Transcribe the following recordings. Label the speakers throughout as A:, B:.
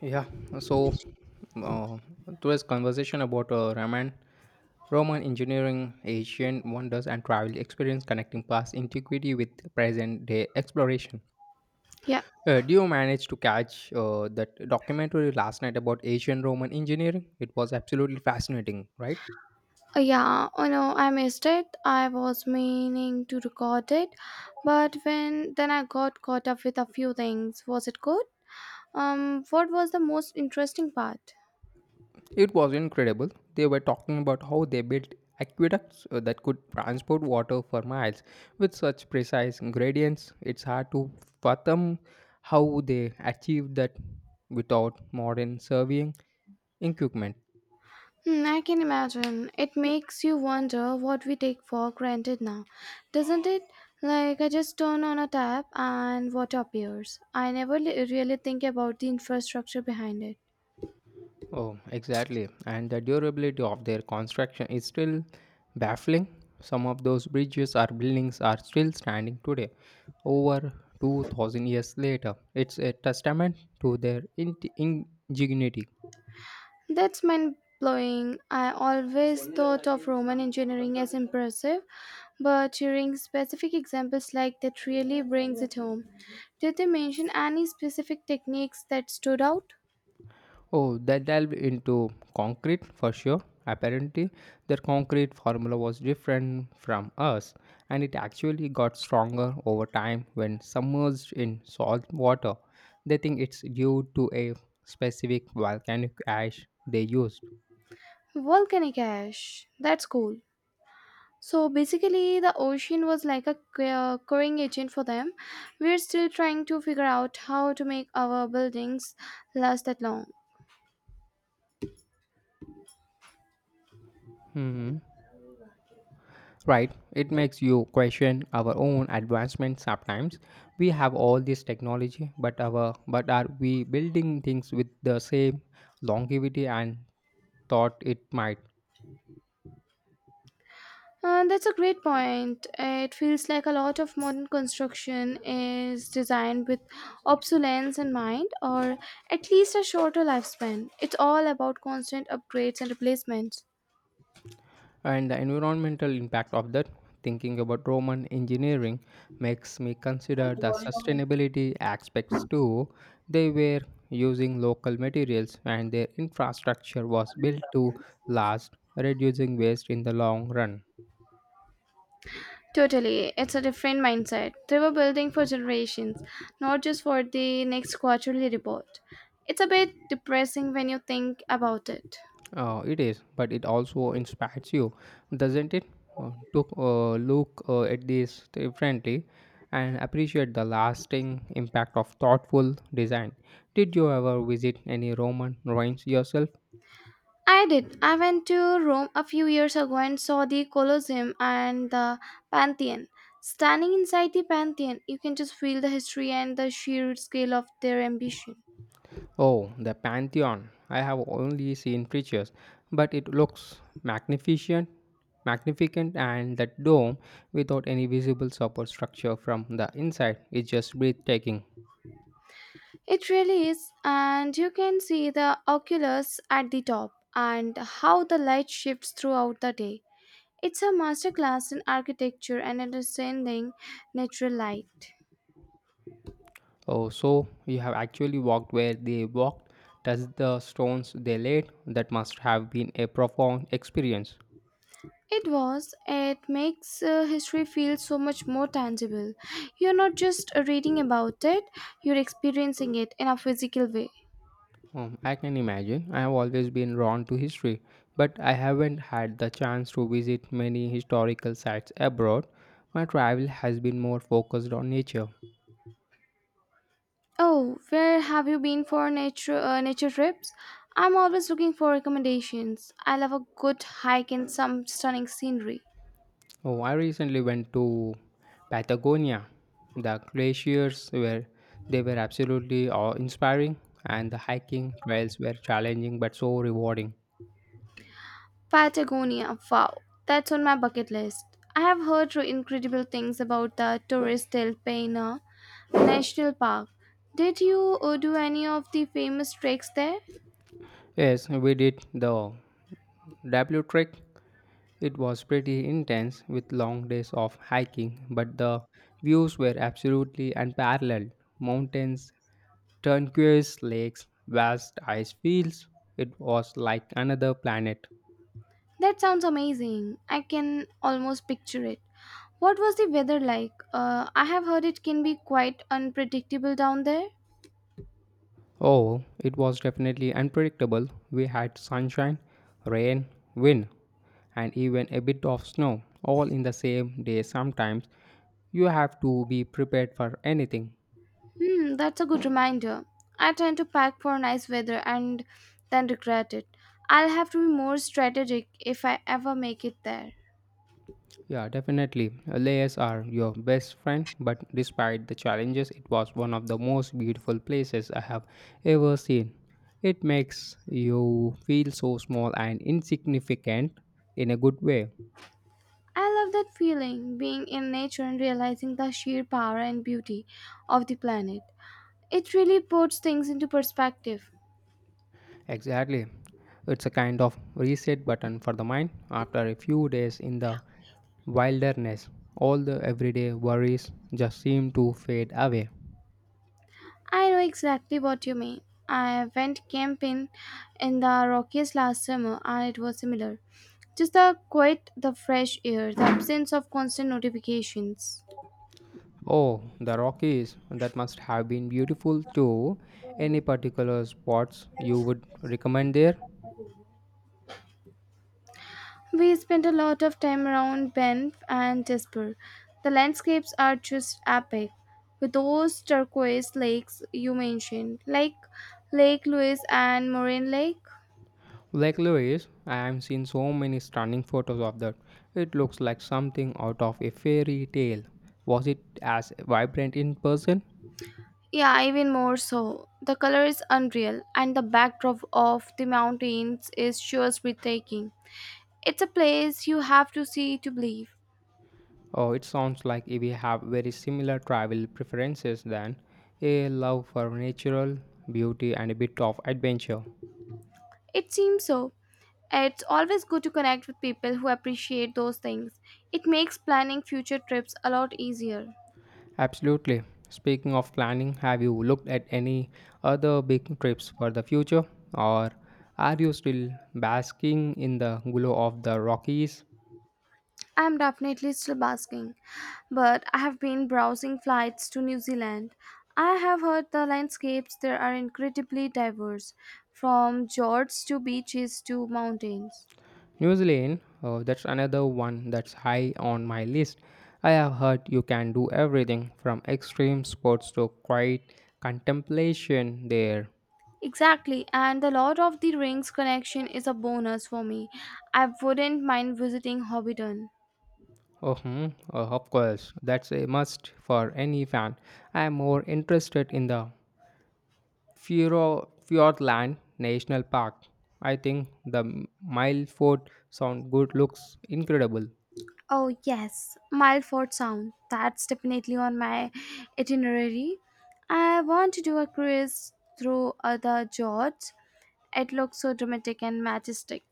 A: Yeah, so uh, today's conversation about Roman engineering, ancient wonders, and travel experience connecting past antiquity with present day exploration.
B: Yeah,
A: Do you manage to catch that documentary last night about ancient Roman engineering? It was absolutely fascinating, right?
B: yeah, oh no, I missed it. I was meaning to record it, but when then I got caught up with a few things. Was it good? What was the most interesting part?
A: It was incredible. They were talking about how they built aqueducts that could transport water for miles with such precise gradients. It's hard to fathom how they achieved that without modern surveying equipment.
B: Hmm, I can imagine. It makes you wonder what we take for granted now, doesn't it? Like, I just turn on a tap and water appears. I never really think about the infrastructure behind it.
A: Oh, exactly. And the durability of their construction is still baffling. Some of those bridges or buildings are still standing today, over 2000 years later. It's a testament to their ingenuity.
B: That's mind blowing. I always thought of Roman engineering as impressive, but hearing specific examples like that really brings it home. Did they mention any specific techniques that stood out?
A: Oh, they delved into concrete for sure. Apparently, their concrete formula was different from us, and it actually got stronger over time when submerged in salt water. They think it's due to a specific volcanic ash they used.
B: Volcanic ash. That's cool. So basically, the ocean was like a curing agent for them. We're still trying to figure out how to make our buildings last that long.
A: Hmm. Right, it makes you question our own advancement sometimes. We have all this technology, but are we building things with the same longevity and thought it might?
B: That's a great point. It feels like a lot of modern construction is designed with obsolescence in mind, or at least a shorter lifespan. It's all about constant upgrades and replacements.
A: And the environmental impact of that, thinking about Roman engineering, makes me consider the sustainability aspects too. They were using local materials and their infrastructure was built to last, reducing waste in the long run.
B: Totally, it's a different mindset. They were building for generations, not just for the next quarterly report. It's a bit depressing when you think about it.
A: It is, but it also inspires you, doesn't it? To look at this differently and appreciate the lasting impact of thoughtful design. Did you ever visit any Roman ruins yourself?
B: I did. I went to Rome a few years ago and saw the Colosseum and the Pantheon. Standing inside the Pantheon, you can just feel the history and the sheer scale of their ambition.
A: Oh, the Pantheon. I have only seen pictures, but it looks magnificent, and that dome without any visible support structure from the inside is just breathtaking.
B: It really is, and you can see the oculus at the top and how the light shifts throughout the day. It's a masterclass in architecture and understanding natural light.
A: Oh, so you have actually walked where they walked, touched the stones they laid. That must have been a profound experience.
B: It was. It makes history feel so much more tangible. You're not just reading about it, you're experiencing it in a physical way.
A: I can imagine. I have always been drawn to history, but I haven't had the chance to visit many historical sites abroad. My travel has been more focused on nature.
B: Oh, where have you been for nature trips? I'm always looking for recommendations. I love a good hike in some stunning scenery.
A: Oh, I recently went to Patagonia. The glaciers were absolutely awe-inspiring, and the hiking trails were challenging but so rewarding.
B: Patagonia, wow, that's on my bucket list. I have heard incredible things about the Torres del Paine National Park. Did you do any of the famous treks there?
A: Yes, we did the W trek. It was pretty intense with long days of hiking, but the views were absolutely unparalleled. Mountains, turquoise lakes, vast ice fields. It was like another planet.
B: That sounds amazing. I can almost picture it. What was the weather like? I have heard it can be quite unpredictable down there.
A: Oh, it was definitely unpredictable. We had sunshine, rain, wind, and even a bit of snow all in the same day sometimes. You have to be prepared for anything.
B: Hmm, that's a good reminder. I tend to pack for nice weather and then regret it. I'll have to be more strategic if I ever make it there.
A: Yeah, definitely. Layers are your best friend, but despite the challenges, it was one of the most beautiful places I have ever seen. It makes you feel so small and insignificant in a good way.
B: I love that feeling, being in nature and realizing the sheer power and beauty of the planet. It really puts things into perspective.
A: Exactly. It's a kind of reset button for the mind after a few days in the wilderness. All the everyday worries just seem to fade away.
B: I know exactly what you mean. I went camping in the Rockies last summer and it was similar. Just the quiet, the fresh air, the absence of constant notifications.
A: Oh, the Rockies. That must have been beautiful too. Any particular spots you would recommend there?
B: We spent a lot of time around Banff and Jasper. The landscapes are just epic. With those turquoise lakes you mentioned, like Lake Louise and Moraine Lake.
A: Lake Louise, I have seen so many stunning photos of that. It looks like something out of a fairy tale. Was it as vibrant in person?
B: Yeah, even more so. The color is unreal, and the backdrop of the mountains is sure breathtaking. It's a place you have to see to believe.
A: Oh, it sounds like we have very similar travel preferences then. A love for natural beauty and a bit of adventure.
B: It seems so. It's always good to connect with people who appreciate those things. It makes planning future trips a lot easier.
A: Absolutely. Speaking of planning, have you looked at any other big trips for the future? Or are you still basking in the glow of the Rockies?
B: I'm definitely still basking, but I have been browsing flights to New Zealand. I have heard the landscapes there are incredibly diverse, from fjords to beaches to mountains.
A: New Zealand, that's another one that's high on my list. I have heard you can do everything from extreme sports to quiet contemplation there.
B: Exactly, and the Lord of the Rings connection is a bonus for me. I wouldn't mind visiting Hobbiton.
A: Mhm, of course, that's a must for any fan. I am more interested in the Fjordland National Park. I think the Mileford Sound good looks incredible.
B: Oh, yes, Milford Sound. That's definitely on my itinerary. I want to do a cruise through other George. It looks so dramatic and majestic.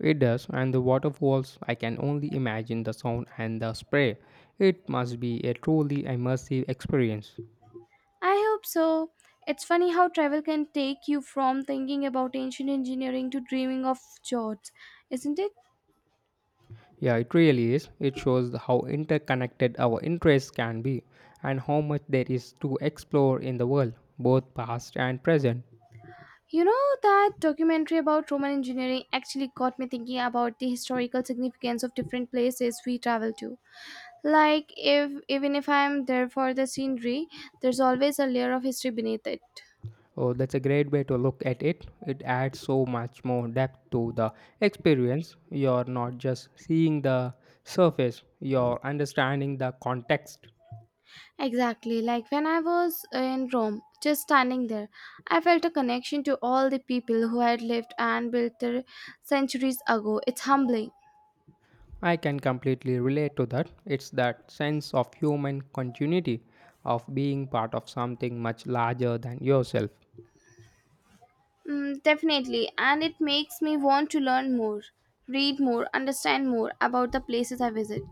A: It does, and the waterfalls, I can only imagine the sound and the spray. It must be a truly immersive experience.
B: I hope so. It's funny how travel can take you from thinking about ancient engineering to dreaming of George, isn't it?
A: Yeah, it really is. It shows how interconnected our interests can be and how much there is to explore in the world, both past and present.
B: You know, that documentary about Roman engineering actually got me thinking about the historical significance of different places we travel to. Like, if even if I'm there for the scenery, there's always a layer of history beneath it.
A: Oh, that's a great way to look at it. It adds so much more depth to the experience. You're not just seeing the surface, you're understanding the context.
B: Exactly, like when I was in Rome, just standing there, I felt a connection to all the people who had lived and built there centuries ago. It's humbling.
A: I can completely relate to that. It's that sense of human continuity, of being part of something much larger than yourself.
B: Mm, definitely, and it makes me want to learn more, read more, understand more about the places I visit.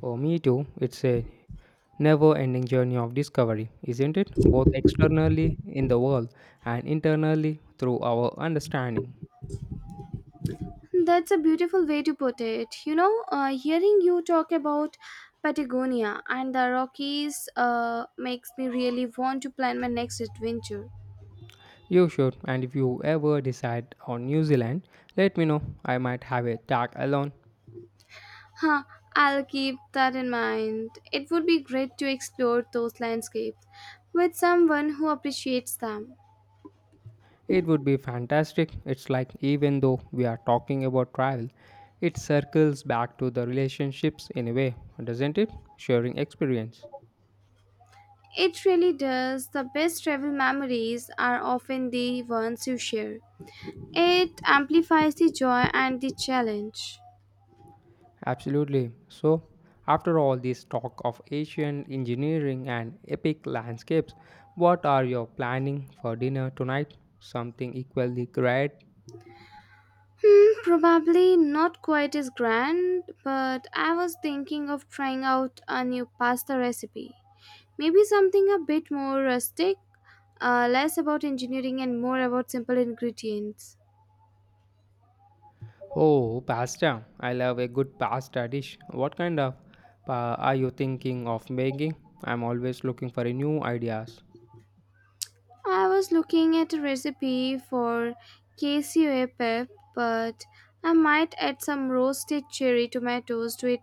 A: Oh, me too. It's a never ending journey of discovery, isn't it? Both externally in the world and internally through our understanding.
B: That's a beautiful way to put it. You know, hearing you talk about Patagonia and the Rockies makes me really want to plan my next adventure.
A: You should, and if you ever decide on New Zealand, let me know. I might have a tag along.
B: Huh, I'll keep that in mind. It would be great to explore those landscapes with someone who appreciates them.
A: It would be fantastic. It's like even though we are talking about travel, it circles back to the relationships in a way, doesn't it? Sharing experience.
B: It really does. The best travel memories are often the ones you share. It amplifies the joy and the challenge.
A: Absolutely. So, after all this talk of Asian engineering and epic landscapes, what are you planning for dinner tonight? Something equally great?
B: Hmm, probably not quite as grand, but I was thinking of trying out a new pasta recipe. Maybe something a bit more rustic, less about engineering and more about simple ingredients.
A: Oh, pasta. I love a good pasta dish. What kind of are you thinking of making? I'm always looking for a new ideas.
B: I was looking at a recipe for KCOA pep, but I might add some roasted cherry tomatoes to it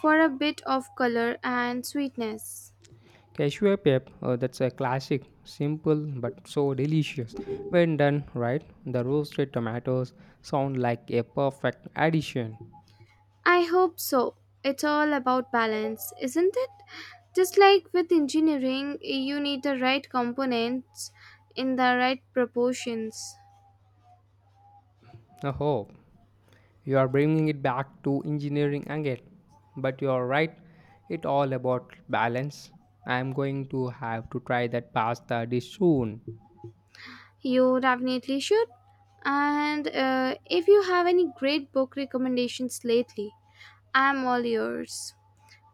B: for a bit of color and sweetness.
A: Cashew pep, that's a classic, simple but so delicious. When done right, the roasted tomatoes sound like a perfect addition.
B: I hope so. It's all about balance, isn't it? Just like with engineering, you need the right components in the right proportions.
A: Oh, you are bringing it back to engineering again. But you are right, it all about balance. I am going to have to try that pasta dish soon.
B: You definitely should. And if you have any great book recommendations lately, I'm all yours.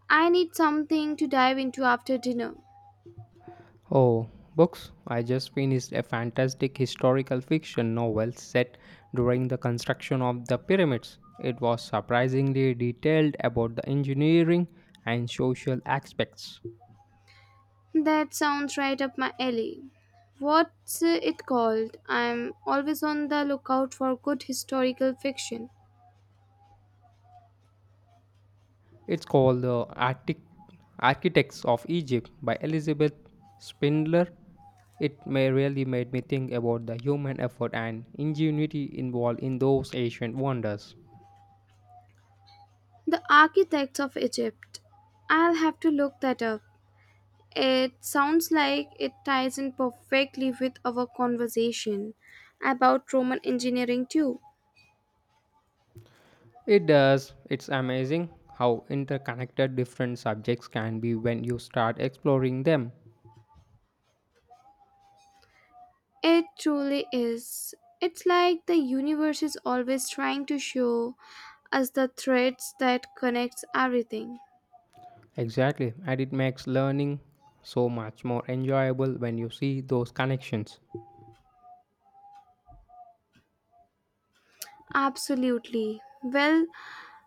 B: I need something to dive into after dinner.
A: Oh, books. I just finished a fantastic historical fiction novel set during the construction of the pyramids. It was surprisingly detailed about the engineering and social aspects.
B: That sounds right up my alley. What's it called? I'm always on the lookout for good historical fiction.
A: It's called The Arctic Architects of Egypt by Elizabeth Spindler. It may really made me think about the human effort and ingenuity involved in those ancient wonders.
B: The Architects of Egypt. I'll have to look that up. It sounds like it ties in perfectly with our conversation about Roman engineering, too.
A: It does. It's amazing how interconnected different subjects can be when you start exploring them.
B: It truly is. It's like the universe is always trying to show us the threads that connects everything.
A: Exactly, and it makes learning so much more enjoyable when you see those connections.
B: Absolutely. Well,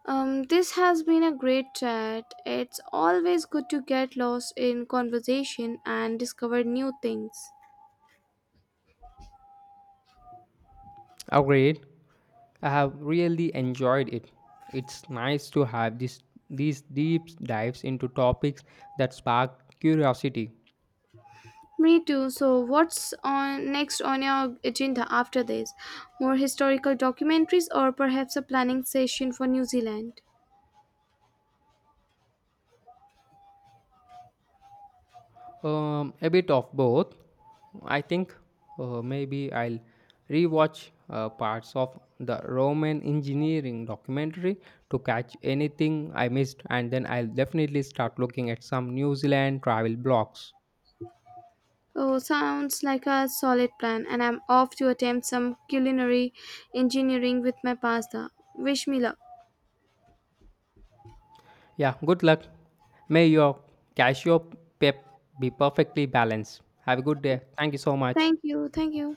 B: this has been a great chat. It's always good to get lost in conversation and discover new things.
A: Agreed. I have really enjoyed it. It's nice to have this these deep dives into topics that spark curiosity.
B: Me too. So, what's on next on your agenda after this? More historical documentaries or perhaps a planning session for New Zealand?
A: A bit of both. I think maybe I'll rewatch parts of the Roman engineering documentary to catch anything I missed, and then I'll definitely start looking at some New Zealand travel blogs.
B: Oh, sounds like a solid plan, and I'm off to attempt some culinary engineering with my pasta. Wish me luck.
A: Yeah, good luck. May your cashew pep be perfectly balanced. Have a good day. Thank you so much.
B: Thank you. Thank you.